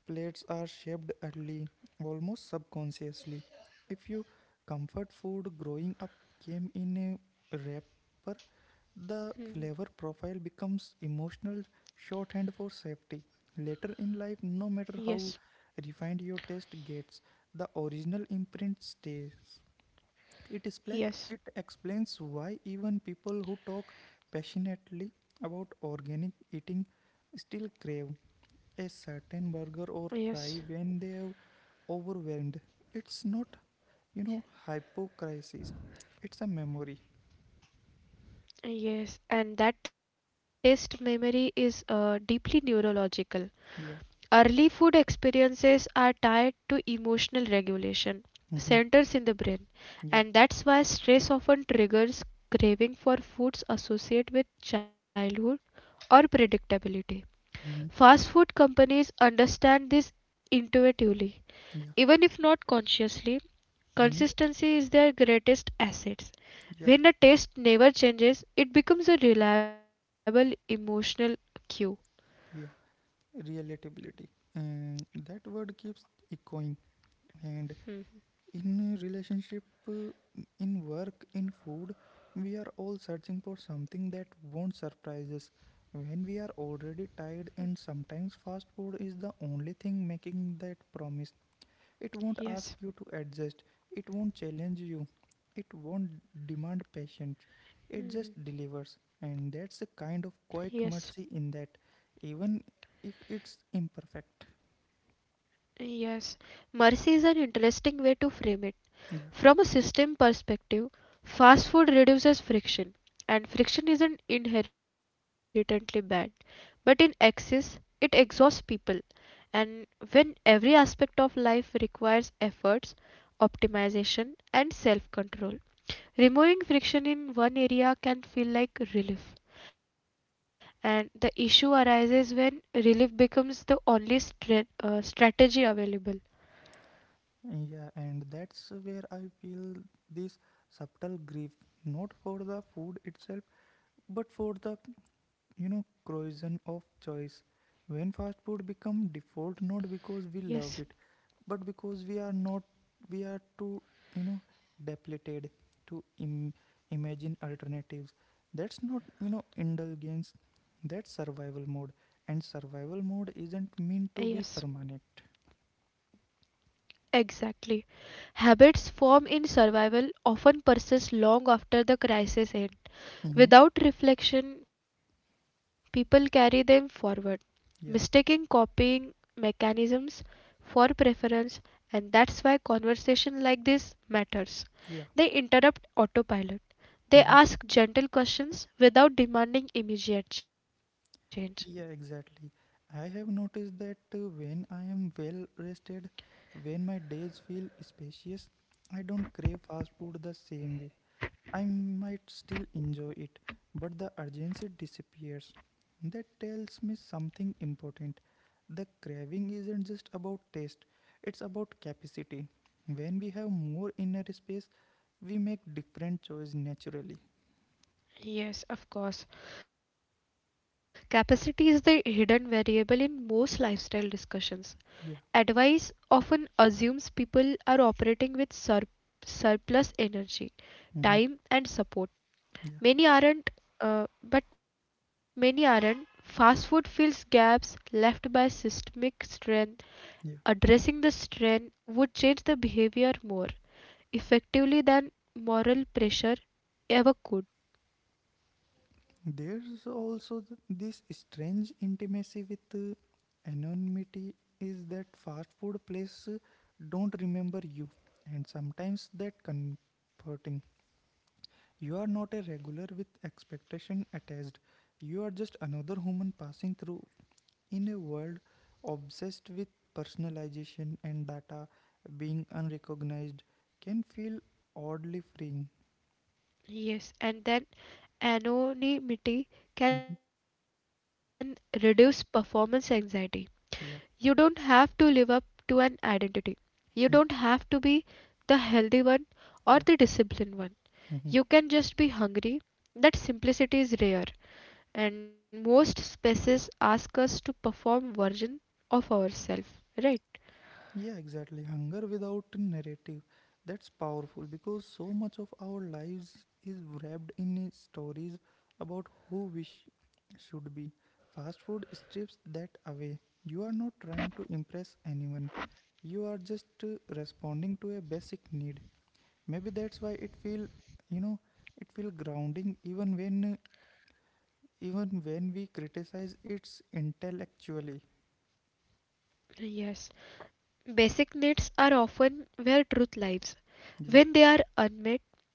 A: plates are shaped early, almost subconsciously. If your comfort food growing up came in a wrapper, the flavor profile becomes emotional shorthand for safety. Later in life, no matter how refined your taste gets, the original imprint stays. It, is black, it explains why even people who talk passionately about organic eating still crave a certain burger or fry when they are overwhelmed. It's not, you know, hypocrisy. It's a memory.
B: Yes, and that taste memory is deeply neurological.
A: Yeah.
B: Early food experiences are tied to emotional regulation
A: Mm-hmm.
B: centers in the brain,
A: Yeah.
B: and that's why stress often triggers craving for foods associated with childhood or predictability. Fast
A: Mm-hmm.
B: food companies understand this intuitively, even if
A: Yeah.
B: not consciously.
A: Mm-hmm.
B: Consistency is their greatest asset. When a
A: Yeah.
B: taste never changes, it becomes a reliable emotional cue.
A: Yeah. Relatability. And that word keeps echoing. And in relationship in work in food we are all searching for something that won't surprise us when we are already tired and sometimes fast food is the only thing making that promise it won't ask you to adjust it won't challenge you it won't demand patience it just delivers and that's a kind of quiet mercy in that even if it's imperfect.
B: Yes, mercy is an interesting way to frame it. From a
A: Yeah.
B: system perspective, fast food reduces friction, and friction isn't inherently bad. But in excess, it exhausts people. And when every aspect of life requires efforts, optimization, and self control, removing friction in one area can feel like relief. And the issue arises when relief becomes the only strategy available.
A: Yeah, and that's where I feel this subtle grief, not for the food itself, but for the you know corrosion of choice. When fast food become default, not because we love it, but because we are not we are too you know depleted to imagine alternatives. That's not you know indulgence. That's survival mode, and survival mode isn't
B: Yes,
A: meant to be permanent.
B: exactly. Habits formed in survival often persist long after the crisis ends.
A: Hmm.
B: Without reflection, people carry them forward, mistaking
A: Yeah,
B: copying mechanisms for preference, and that's why conversation like this matters. They
A: yeah.
B: interrupt autopilot. They
A: Mm-hmm.
B: ask gentle questions without demanding immediate change.
A: Yeah, exactly. I have noticed that when I am well rested, when my days feel spacious, I don't crave fast food the same way. I might still enjoy it, but the urgency disappears. That tells me something important. The craving isn't just about taste, it's about capacity. When we have more inner space, we make different choices naturally.
B: Yes, of course. Capacity is the hidden variable in most lifestyle discussions.
A: Yeah.
B: Advice often assumes people are operating with surplus energy,
A: Mm-hmm.
B: time, and support.
A: Yeah.
B: Many aren't, but many aren't. Fast food fills gaps left by systemic strength.
A: Yeah.
B: Addressing the strength would change the behavior more effectively than moral pressure ever could.
A: There's also this strange intimacy with anonymity is that fast food place don't remember you and sometimes that comforting. You are not a regular with expectation attached. You are just another human passing through in a world obsessed with personalization and data being unrecognized can feel oddly freeing.
B: Yes, and then anonymity
A: Mhm.
B: can reduce performance anxiety.
A: Yeah.
B: You don't have to live up to an identity.
A: Mhm.
B: You don't have to be the healthy one or
A: Yeah.
B: the disciplined one.
A: Mhm.
B: You can just be hungry. That simplicity is rare, and most spaces ask us to perform version of ourselves, right?
A: Yeah, exactly. Hunger without a narrative. That's powerful because so much of our lives is wrapped in stories about should be. Fast food strips that away. You are not trying to impress anyone. You are just responding to a basic need. Maybe that's why it feel, you know, it feel grounding even when we criticize it intellectually.
B: Yes. Basic needs are often where truth lies.
A: Yeah.
B: When they are unmet,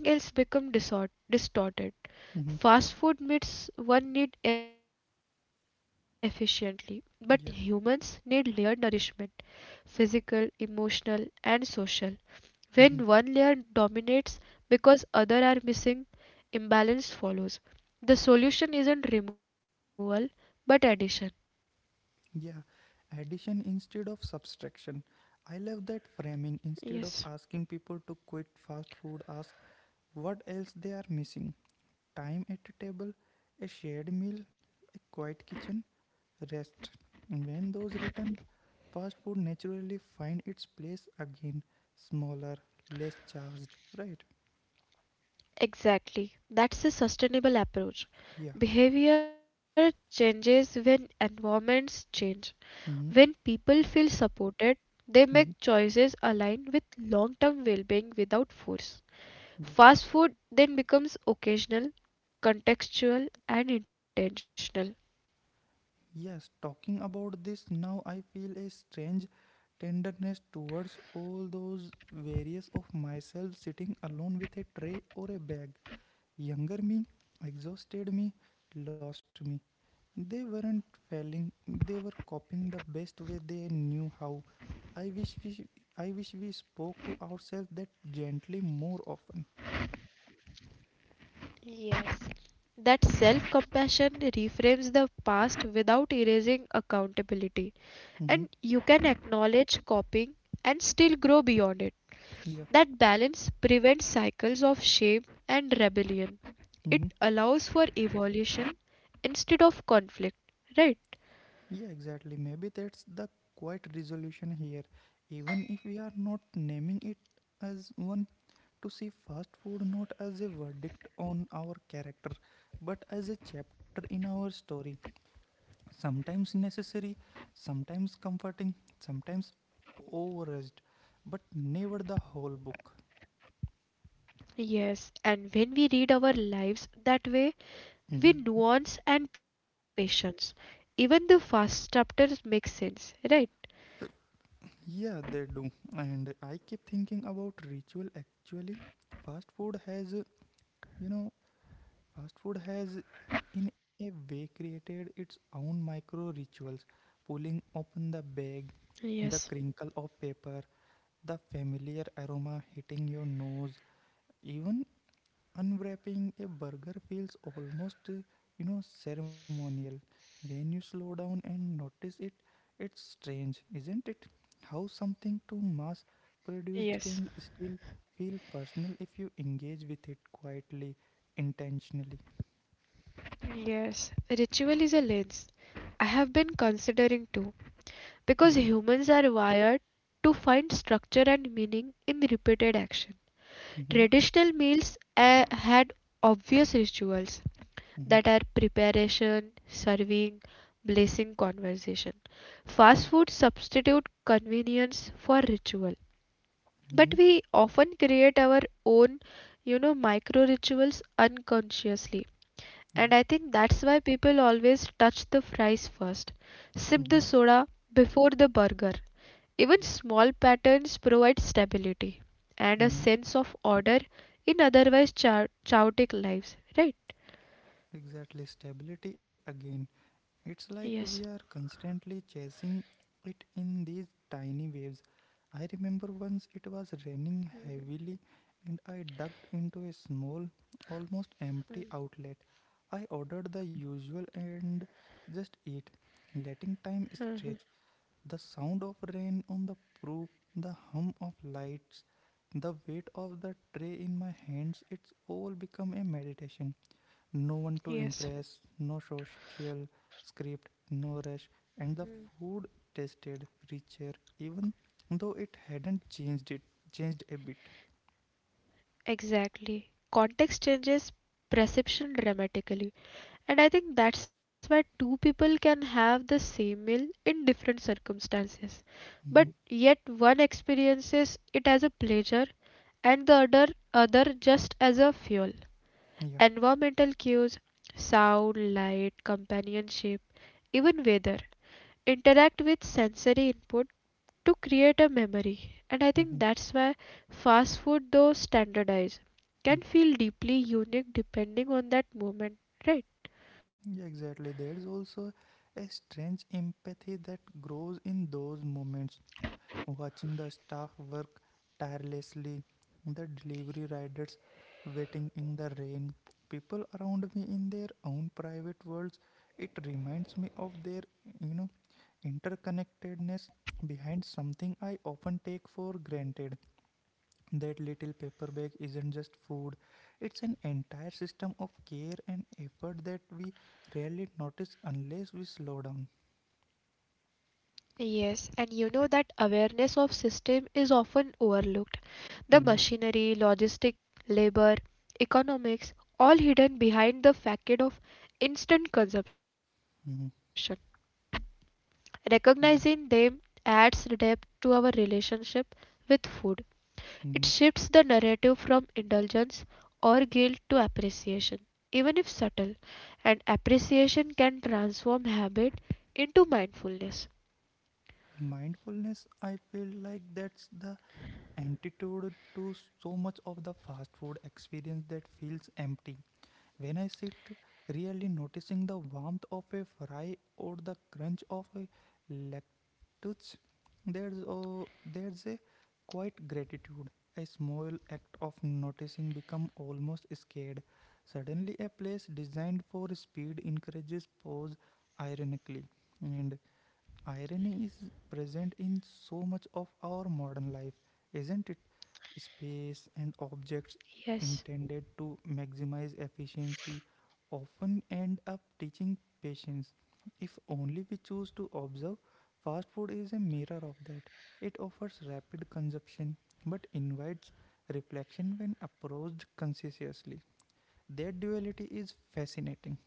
B: everything else becomes distorted.
A: Hmm.
B: Fast food meets one need efficiently, but humans need
A: Yeah.
B: layered nourishment, physical, emotional, and social. When
A: Hmm.
B: one layer dominates because other are missing, imbalance follows. The solution isn't removal but addition.
A: Yeah, addition instead of subtraction. I love that framing. Instead of asking people to quit fast food, ask what else they are missing time at a table, a shared meal, a quiet kitchen, rest. When those return, fast food naturally find its place again, smaller, less charged, right?
B: Exactly. That's a sustainable approach.
A: Yeah.
B: Behavior changes when environments change. When
A: Mm-hmm.
B: people feel supported, they make
A: Mm-hmm.
B: choices aligned with long term well being without force.
A: Yeah.
B: Fast food then becomes occasional, contextual, and intentional.
A: Yes, talking about this now, I feel a strange tenderness towards all those various of myself sitting alone with a tray or a bag. Younger me, exhausted me, lost me. They weren't failing, they were coping the best way they knew how. I wish we, I wish we spoke to ourselves that gently more often.
B: That self compassion reframes the past without erasing accountability,
A: Mm-hmm.
B: and you can acknowledge copying and still grow beyond it.
A: Yeah.
B: That balance prevents cycles of shame and rebellion. It
A: Mm-hmm.
B: allows for evolution instead of conflict, right?
A: Yeah, exactly. Maybe that's the quiet resolution here. Even if we are not naming it as one, to see fast food not as a verdict on our character, but as a chapter in our story. Sometimes necessary, sometimes comforting, sometimes overused, but never the whole book.
B: Yes, and when we read our lives that way, we
A: Mhm.
B: nuance and patience. Even the first chapters make sense, right?
A: Yeah, they do. And I keep thinking about ritual actually. Fast food has, uh, you know, Fast food has, in a way, created its own micro rituals, pulling open the bag, the crinkle of paper, the familiar aroma hitting your nose. Even unwrapping a burger feels almost, you know, ceremonial. When you slow down and notice it, it's strange, isn't it? How something too mass produced can still feel personal if you engage with it quietly, intentionally.
B: Yes, ritual is a lens. I have been considering too, because humans are wired to find structure and meaning in repeated action.
A: Mm-hmm.
B: Traditional meals had obvious rituals
A: Mm-hmm.
B: that are preparation, serving, blessing, conversation. Fast food substitute convenience for ritual.
A: Yeah. Mm-hmm.
B: But we often create our own micro rituals unconsciously,
A: Yeah.
B: and I think that's why people always touch the fries first, sip
A: Mm-hmm.
B: the soda before the burger. Even
A: Yeah.
B: small patterns provide stability and a
A: Mm-hmm.
B: sense of order in otherwise chaotic lives, right?
A: Exactly. Stability again. It's like we are constantly chasing it in these tiny waves. I remember once it was raining heavily and I ducked into a small, almost empty outlet. I ordered the usual and just ate, letting time stretch. The sound of rain on the poop, the hum of lights, the weight of the tray in my hands, it's all become a meditation. No one to impress, no social script, no rush, and the food tasted richer, even though it hadn't changed it, changed a bit.
B: Exactly. Context changes perception dramatically. And I think that's why two people can have the same meal in different circumstances, but
A: Mhm.
B: yet one experiences it as a pleasure and the other just as a fuel.
A: Yeah.
B: Environmental cues, sound, light, companionship, even weather interact with sensory input to create a memory. And I think
A: Mhm.
B: that's why fast food, though standardized, can
A: Mhm.
B: feel deeply unique depending on that moment, right?
A: Yeah, exactly. There's also a strange empathy that grows in those moments. Watching the staff work tirelessly, the delivery riders waiting in the rain, people around me in their own private worlds. It reminds me of their, you know, interconnectedness behind something I often take for granted. That little paper bag isn't just food, it's an entire system of care and effort that we rarely notice unless we slow down.
B: Yes, and you know that awareness of system is often overlooked. The
A: Mhm,
B: machinery, logistic, labor, economics, all hidden behind the facade of instant consumption.
A: mhm,
B: Recognizing them
A: yeah,
B: adds depth to our relationship with food. It shifts the
A: mhm.
B: narrative from indulgence or guilt to appreciation, even if subtle, and appreciation can transform habit into mindfulness.
A: Mindfulness, I feel like that's the antidote to so much of the fast food experience that feels empty when I sit really noticing the warmth of a fry or the crunch of a lettuce. There's a quiet gratitude, a small act of noticing become almost scared. Suddenly a place designed for speed encourages pause, ironically. And irony is present in so much of our modern life, isn't it? Space and objects
B: Yes.
A: intended to maximize efficiency often end up teaching patience. If only we choose to observe, fast food is a mirror of that. It offers rapid consumption but invites reflection when approached consciously. That duality is fascinating.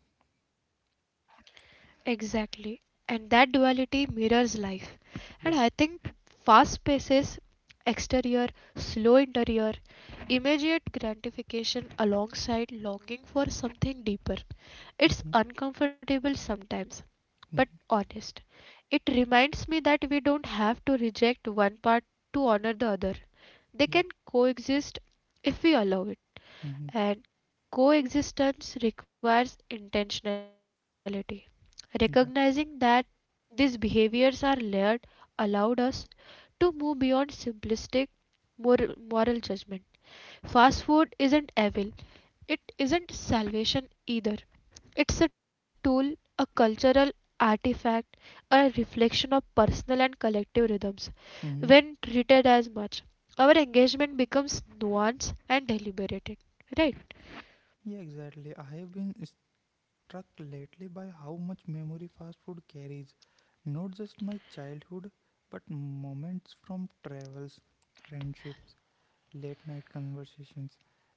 B: Exactly. And that duality mirrors life. And I
A: Yeah.
B: think fast paces, exterior, slow interior, immediate gratification alongside longing for something deeper. It's
A: Mm-hmm.
B: uncomfortable sometimes, but
A: Mm-hmm.
B: honest. It reminds me that we don't have to reject one part to honor the other.
A: Yeah.
B: They can coexist if we allow it.
A: Mm-hmm.
B: And coexistence requires intentionality.
A: Yeah.
B: Recognizing that these behaviors are layered allowed us to move beyond simplistic moral judgment. Fast food isn't evil, it isn't salvation either. It's a tool, a cultural artifact, a reflection of personal and collective rhythms.
A: Mm-hmm.
B: When treated as much, our engagement becomes nuanced and deliberated. Right?
A: Yeah, exactly. I have been struck lately by how much memory fast food carries. Not just my childhood, but moments from travels, friendships, late night conversations.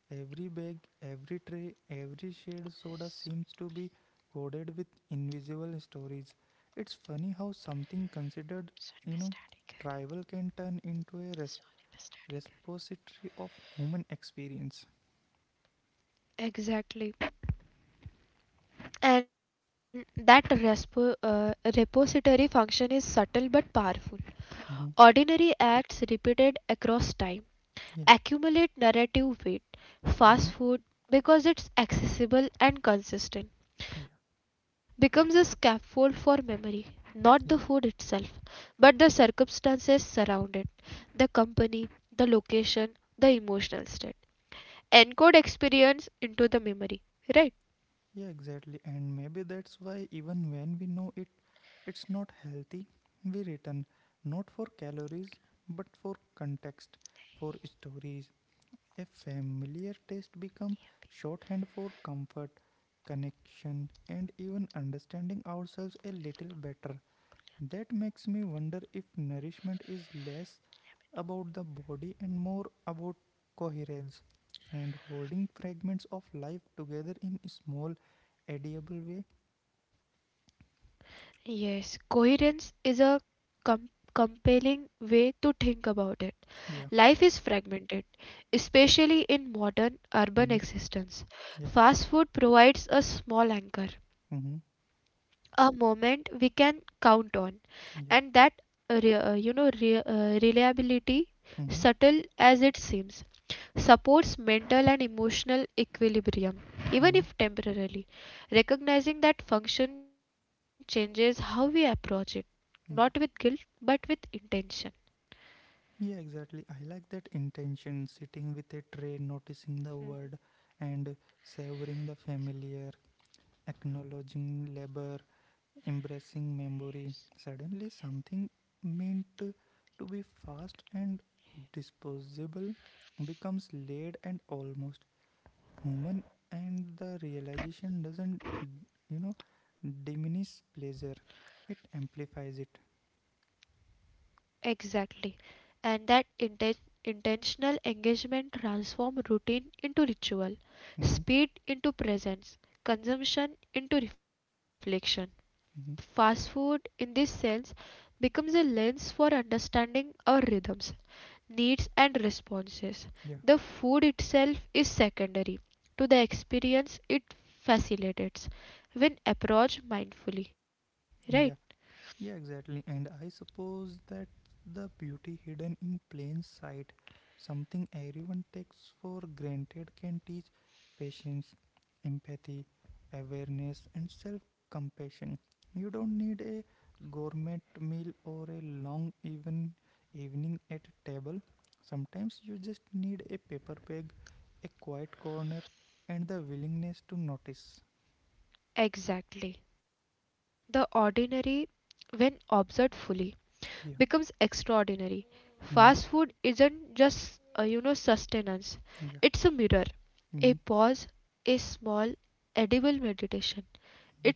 A: Every bag, every tray, every shared soda seems to be coded with invisible stories. It's funny how something considered, you know, trivial can turn into a repository of human experience.
B: Exactly. And that repository function is subtle but powerful.
A: Hmm.
B: Ordinary acts repeated across time
A: Yeah.
B: accumulate narrative weight.
A: Hmm.
B: Fast food, because it's accessible and
A: Yeah.
B: consistent, becomes a scaffold for memory, not the
A: Yeah.
B: food itself, but the circumstances surrounding it, the company, the location, the emotional state. Encode experience into the memory, right?
A: Yeah, exactly. And maybe that's why, even when we know it, it's not healthy, we return not for calories but for context, for stories. A familiar taste become shorthand for comfort, connection, and even understanding ourselves a little better. That makes me wonder if nourishment is less about the body and more about coherence, and holding fragments of life together in a small, edible way.
B: Yes, coherence is a com- compelling way to think about it.
A: Yeah.
B: Life is fragmented, especially in modern
A: Mm-hmm.
B: urban existence.
A: Yeah.
B: Fast food provides a small anchor,
A: Mm-hmm.
B: a moment we can count on,
A: Yeah.
B: and that reliability,
A: Mm-hmm.
B: subtle as it seems, supports mental and emotional equilibrium,
A: Mm-hmm.
B: even if temporarily. Recognizing that function changes how we approach it,
A: Yeah.
B: not with guilt, but with intention.
A: Yeah, exactly. I like that intention, sitting with a tray, noticing the word and savoring the familiar, acknowledging labor, embracing memory. Suddenly, something meant to be fast and disposable becomes laid and almost human, and the realization doesn't, you know, diminish pleasure, it amplifies it.
B: Exactly. And that intentional engagement transforms routine into ritual,
A: Hmm.
B: speed into presence, consumption into reflection.
A: Hmm.
B: Fast food, in this sense, becomes a lens for understanding our rhythms, needs and responses.
A: Yeah,
B: The food itself is secondary to the experience it facilitates when approached mindfully, right?
A: yeah. Yeah, exactly. And I suppose that the beauty hidden in plain sight, something everyone takes for granted, can teach patience, empathy, awareness, and self compassion. You don't need a gourmet meal or a long even evening at a table. Sometimes you just need a paper bag, a quiet corner, and the willingness to notice.
B: Exactly. The ordinary, when observed fully,
A: Yeah.
B: becomes extraordinary.
A: Mm.
B: Fast food isn't just, sustenance,
A: Yeah.
B: it's a mirror,
A: Mm.
B: a pause, a small edible meditation.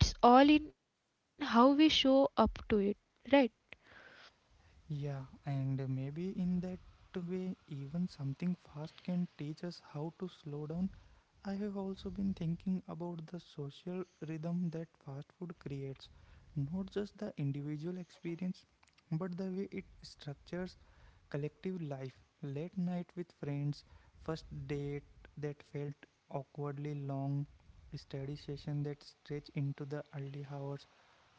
B: It's all in how we show up to it, right?
A: Yeah, and maybe in that way, even something fast can teach us how to slow down. I have also been thinking about the social rhythm that fast food creates, not just the individual experience, but the way it structures collective life, late night with friends, first date that felt awkwardly long, study session that stretched into the early hours.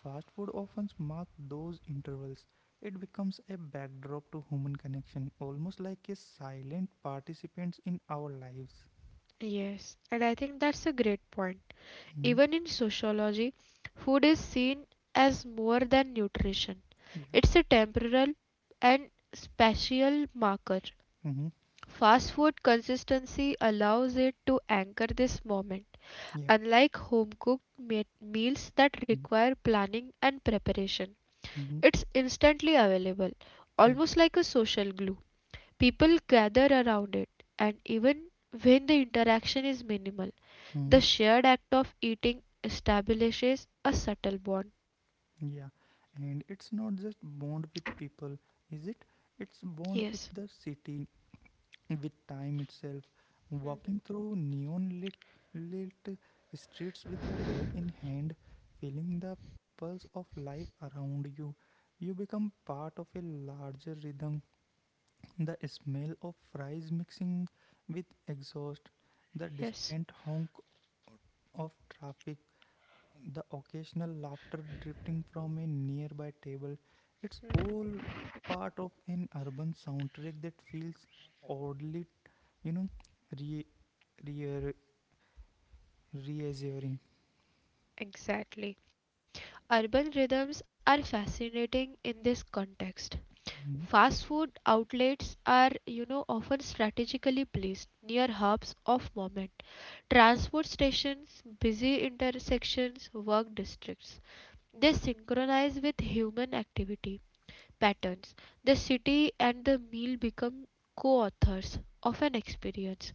A: Fast food often marks those intervals. It becomes a backdrop to human connection, almost like a silent participant in our lives.
B: Yes, and I think that's a great point.
A: Hmm.
B: Even in sociology, food is seen as more than nutrition.
A: Yeah.
B: It's a temporal and spatial marker.
A: Hmm.
B: Fast food consistency allows it to anchor this moment,
A: Yeah.
B: unlike home cooked meals that
A: Hmm.
B: require planning and preparation.
A: Hmm,
B: It's instantly available,
A: yeah.
B: almost like a social glue. People gather around it, and even when the interaction is minimal,
A: Hmm.
B: the shared act of eating establishes a subtle bond.
A: Yeah. And it's not just bond with people, is it? It's bond with
B: Yes,
A: the city, with time itself. Walking through lit streets with a bag in hand, feeling the pulse of life around you. You become part of a larger rhythm. The smell of fries mixing with exhaust, the
B: yes,
A: distant honk of traffic, the occasional laughter drifting from a nearby table. It's all part of an urban soundtrack that feels oddly, you know, re, re, reassuring.
B: exactly. Urban rhythms are fascinating in this context.
A: Mhm.
B: Fast food outlets are, often strategically placed near hubs of movement, transport stations, busy intersections, work districts. They synchronize with human activity patterns. The city and the meal become co authors of an experience,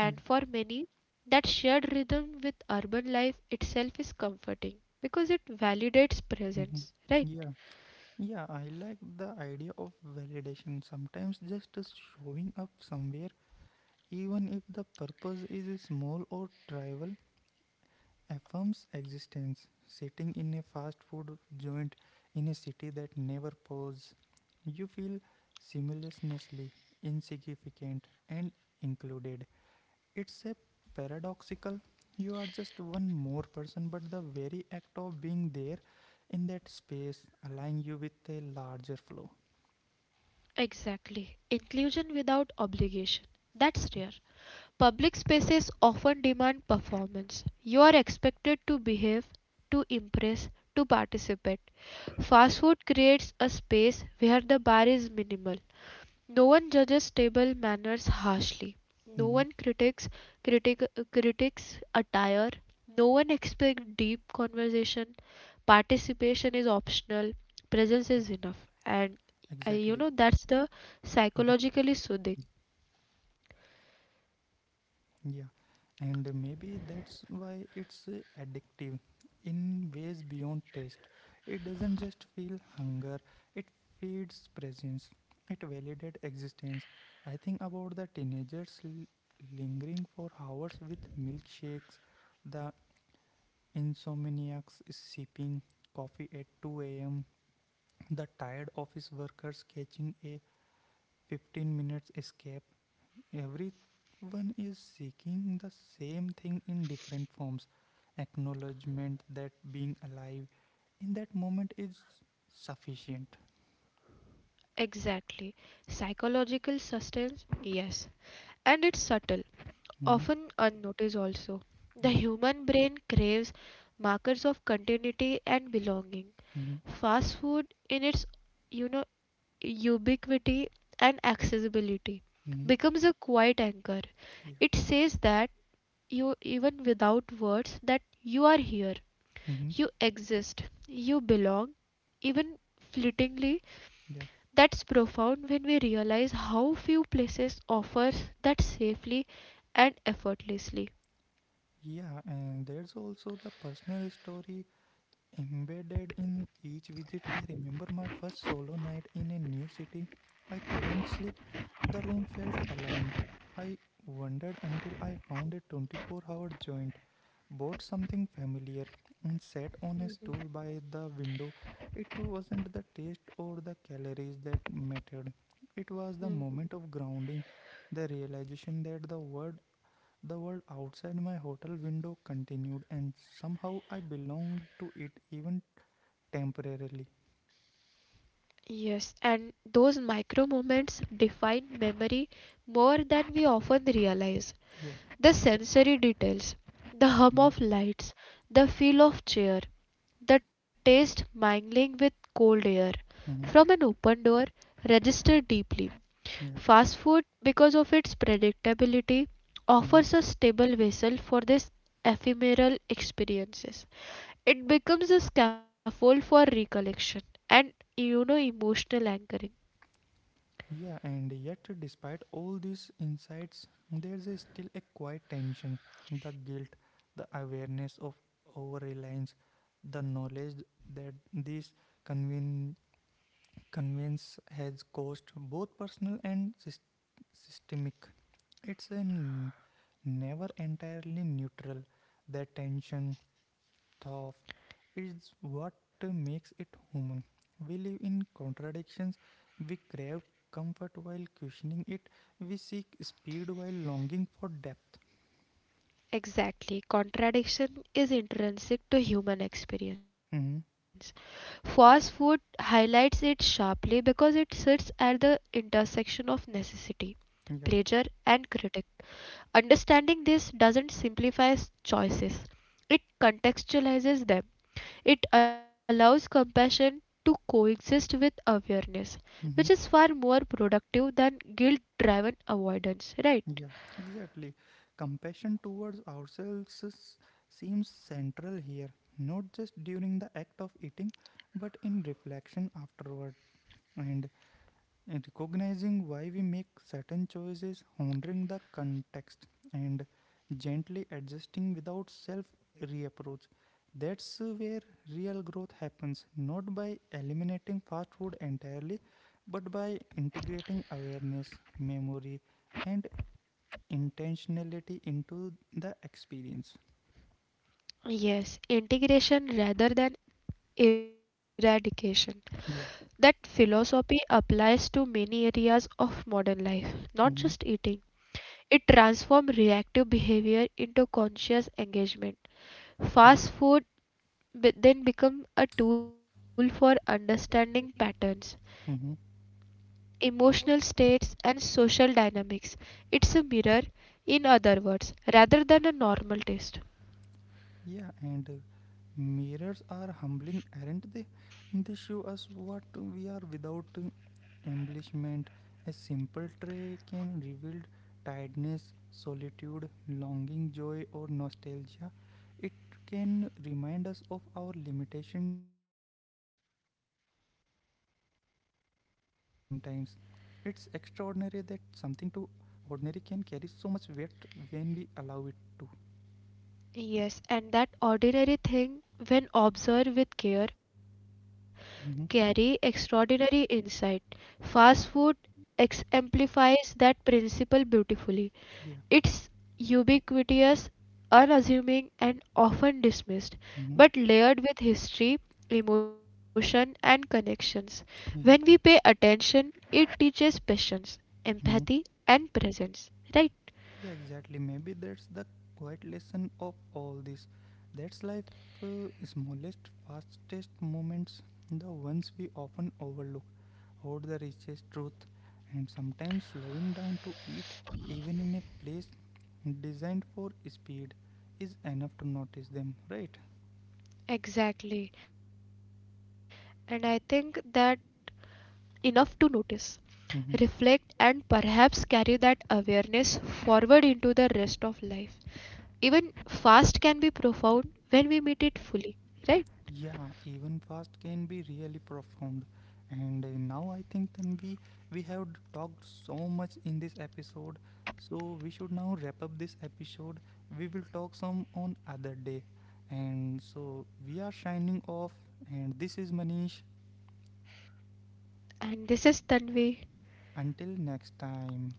A: Yeah.
B: for many, that shared rhythm with urban life itself is comforting because it validates
A: Mhm.
B: presence, right?
A: Yeah. Yeah. I like the idea of validation. Sometimes just showing up somewhere, even if the purpose is small or trivial, a firm's existence sitting in a fast food joint in a city that never pauses, you feel simultaneously insignificant and included. It's a paradoxical. You are just one more person, but the very act of being there in that space align you with a larger flow.
B: Exactly. Inclusion without obligation. That's
A: Yeah.
B: rare. Public spaces often demand performance. You are expected to behave, to impress, to participate. Fast food creates a space where the bar is minimal. No one judges table manners harshly. No
A: Mhm.
B: one critic, critics attire. No one expects deep conversation. Participation is
A: Yeah,
B: optional. Presence is enough.
A: exactly.
B: And that's the
A: Mhm.
B: psychologically soothing.
A: Yeah, and maybe that's why it's addictive in ways beyond taste. It doesn't just feel hunger, it feeds presence, it validates existence. I think about the teenagers lingering for hours with milkshakes, the insomniacs sipping coffee at 2 a.m., the tired office workers catching a 15 minutes escape. Everyone is seeking the same thing in different forms. Acknowledgement that being alive in that moment is sufficient.
B: Exactly. Psychological sustenance, yes. And it's subtle,
A: Hmm.
B: often unnoticed also. The
A: Yeah.
B: human brain craves markers of continuity and belonging.
A: Hmm.
B: Fast food in its you know ubiquity and accessibility
A: Hmm.
B: becomes a quiet anchor.
A: Yeah.
B: It says that you even without words that you are here,
A: Hmm.
B: you exist, you belong, even fleetingly.
A: Yeah.
B: That's profound when we realize how few places offers that safely and effortlessly.
A: Yeah. And there's also the personal story embedded in each visit. I remember my first solo night in a new city. I couldn't sleep. The room felt alien. I wondered until I found a 24-hour joint, bought something familiar, and sat on a stool by the window. It wasn't the taste or the calories that mattered, it was the moment of grounding, the realization that the world outside my hotel window continued, and somehow I belonged to it even temporarily.
B: Yes, and those micro moments define memory more than we often realize.
A: Yeah.
B: The sensory details, the hum
A: Hmm.
B: of lights, the feel of chair, the taste mingling with cold air
A: Hmm.
B: from an open door register deeply.
A: Yeah.
B: Fast food, because of its predictability,
A: Hmm.
B: offers a stable vessel for these ephemeral experiences. It becomes a scaffold for recollection and emotional anchoring.
A: Yeah. And yet, despite all these insights, there's a still a quiet tension, the guilt, the awareness of over reliance, the knowledge that these conven- convenience has cost both personal and systemic. It's never entirely neutral. The tension, thought, is what makes it human. We live in contradictions. We crave comfort while questioning it. We seek speed while longing for depth.
B: Exactly. Contradiction is intrinsic to human
A: Hmm.
B: experience. Fast food highlights it sharply because it sits at the intersection of necessity,
A: Yeah.
B: pleasure, and critic. Understanding this doesn't simplify choices, it contextualizes them. It allows compassion to coexist with awareness,
A: Hmm.
B: which is far more productive than guilt driven avoidance,
A: Yeah,
B: right?
A: exactly. Compassion towards ourselves seems central here, not just during the act of eating, but in reflection afterward and recognizing why we make certain choices, honoring the context, and gently adjusting without self reapproach. That's where real growth happens, not by eliminating fast food entirely, but by integrating awareness, memory, and intentionality into the experience.
B: Yes, integration rather than eradication.
A: Yeah.
B: That philosophy applies to many areas of modern life,
A: Hmm.
B: not just eating. It transforms reactive behavior into conscious engagement.
A: Yeah.
B: Fast food then becomes a tool for understanding patterns,
A: Hmm.
B: emotional states and social dynamics. It's a mirror, in other words, rather than a normal taste.
A: Yeah. And mirrors are humbling, aren't they? They show us what we are without embellishment. A simple tray can reveal tiredness, solitude, longing, joy, or nostalgia. It can remind us of our limitation and resilience at the same times. It's extraordinary that something to ordinary can carry so much weight when we allow it to.
B: Yes, and that ordinary thing, when observed with care, carry
A: Hmm.
B: extraordinary insight. Fast food amplifies that principle beautifully. It's
A: Yeah.
B: ubiquitous, unassuming, and often dismissed, but
A: Hmm.
B: layered with history, emotion, and connections. When we pay
A: Yeah.
B: attention, it teaches patience, empathy,
A: Hmm.
B: and presence. Right?
A: Yeah, exactly. Maybe that's the quiet lesson of all this. That's life smallest, fastest moments, the ones we often overlook, hold the richest truth, and sometimes slowing down to eat, even in a place designed for speed, is enough to notice them, right?
B: Exactly. And I think that enough to notice, reflect,
A: Hmm.
B: and perhaps carry that awareness forward into the rest of life. Even fast can be profound when we meet it fully, right?
A: Yeah, even fast can be really profound. And now I think then we have talked so much in this episode, so we should now wrap up this episode. We will talk some on other day. And so we are shining off, and this is Manish.
B: And this is Tanvi.
A: Until next time.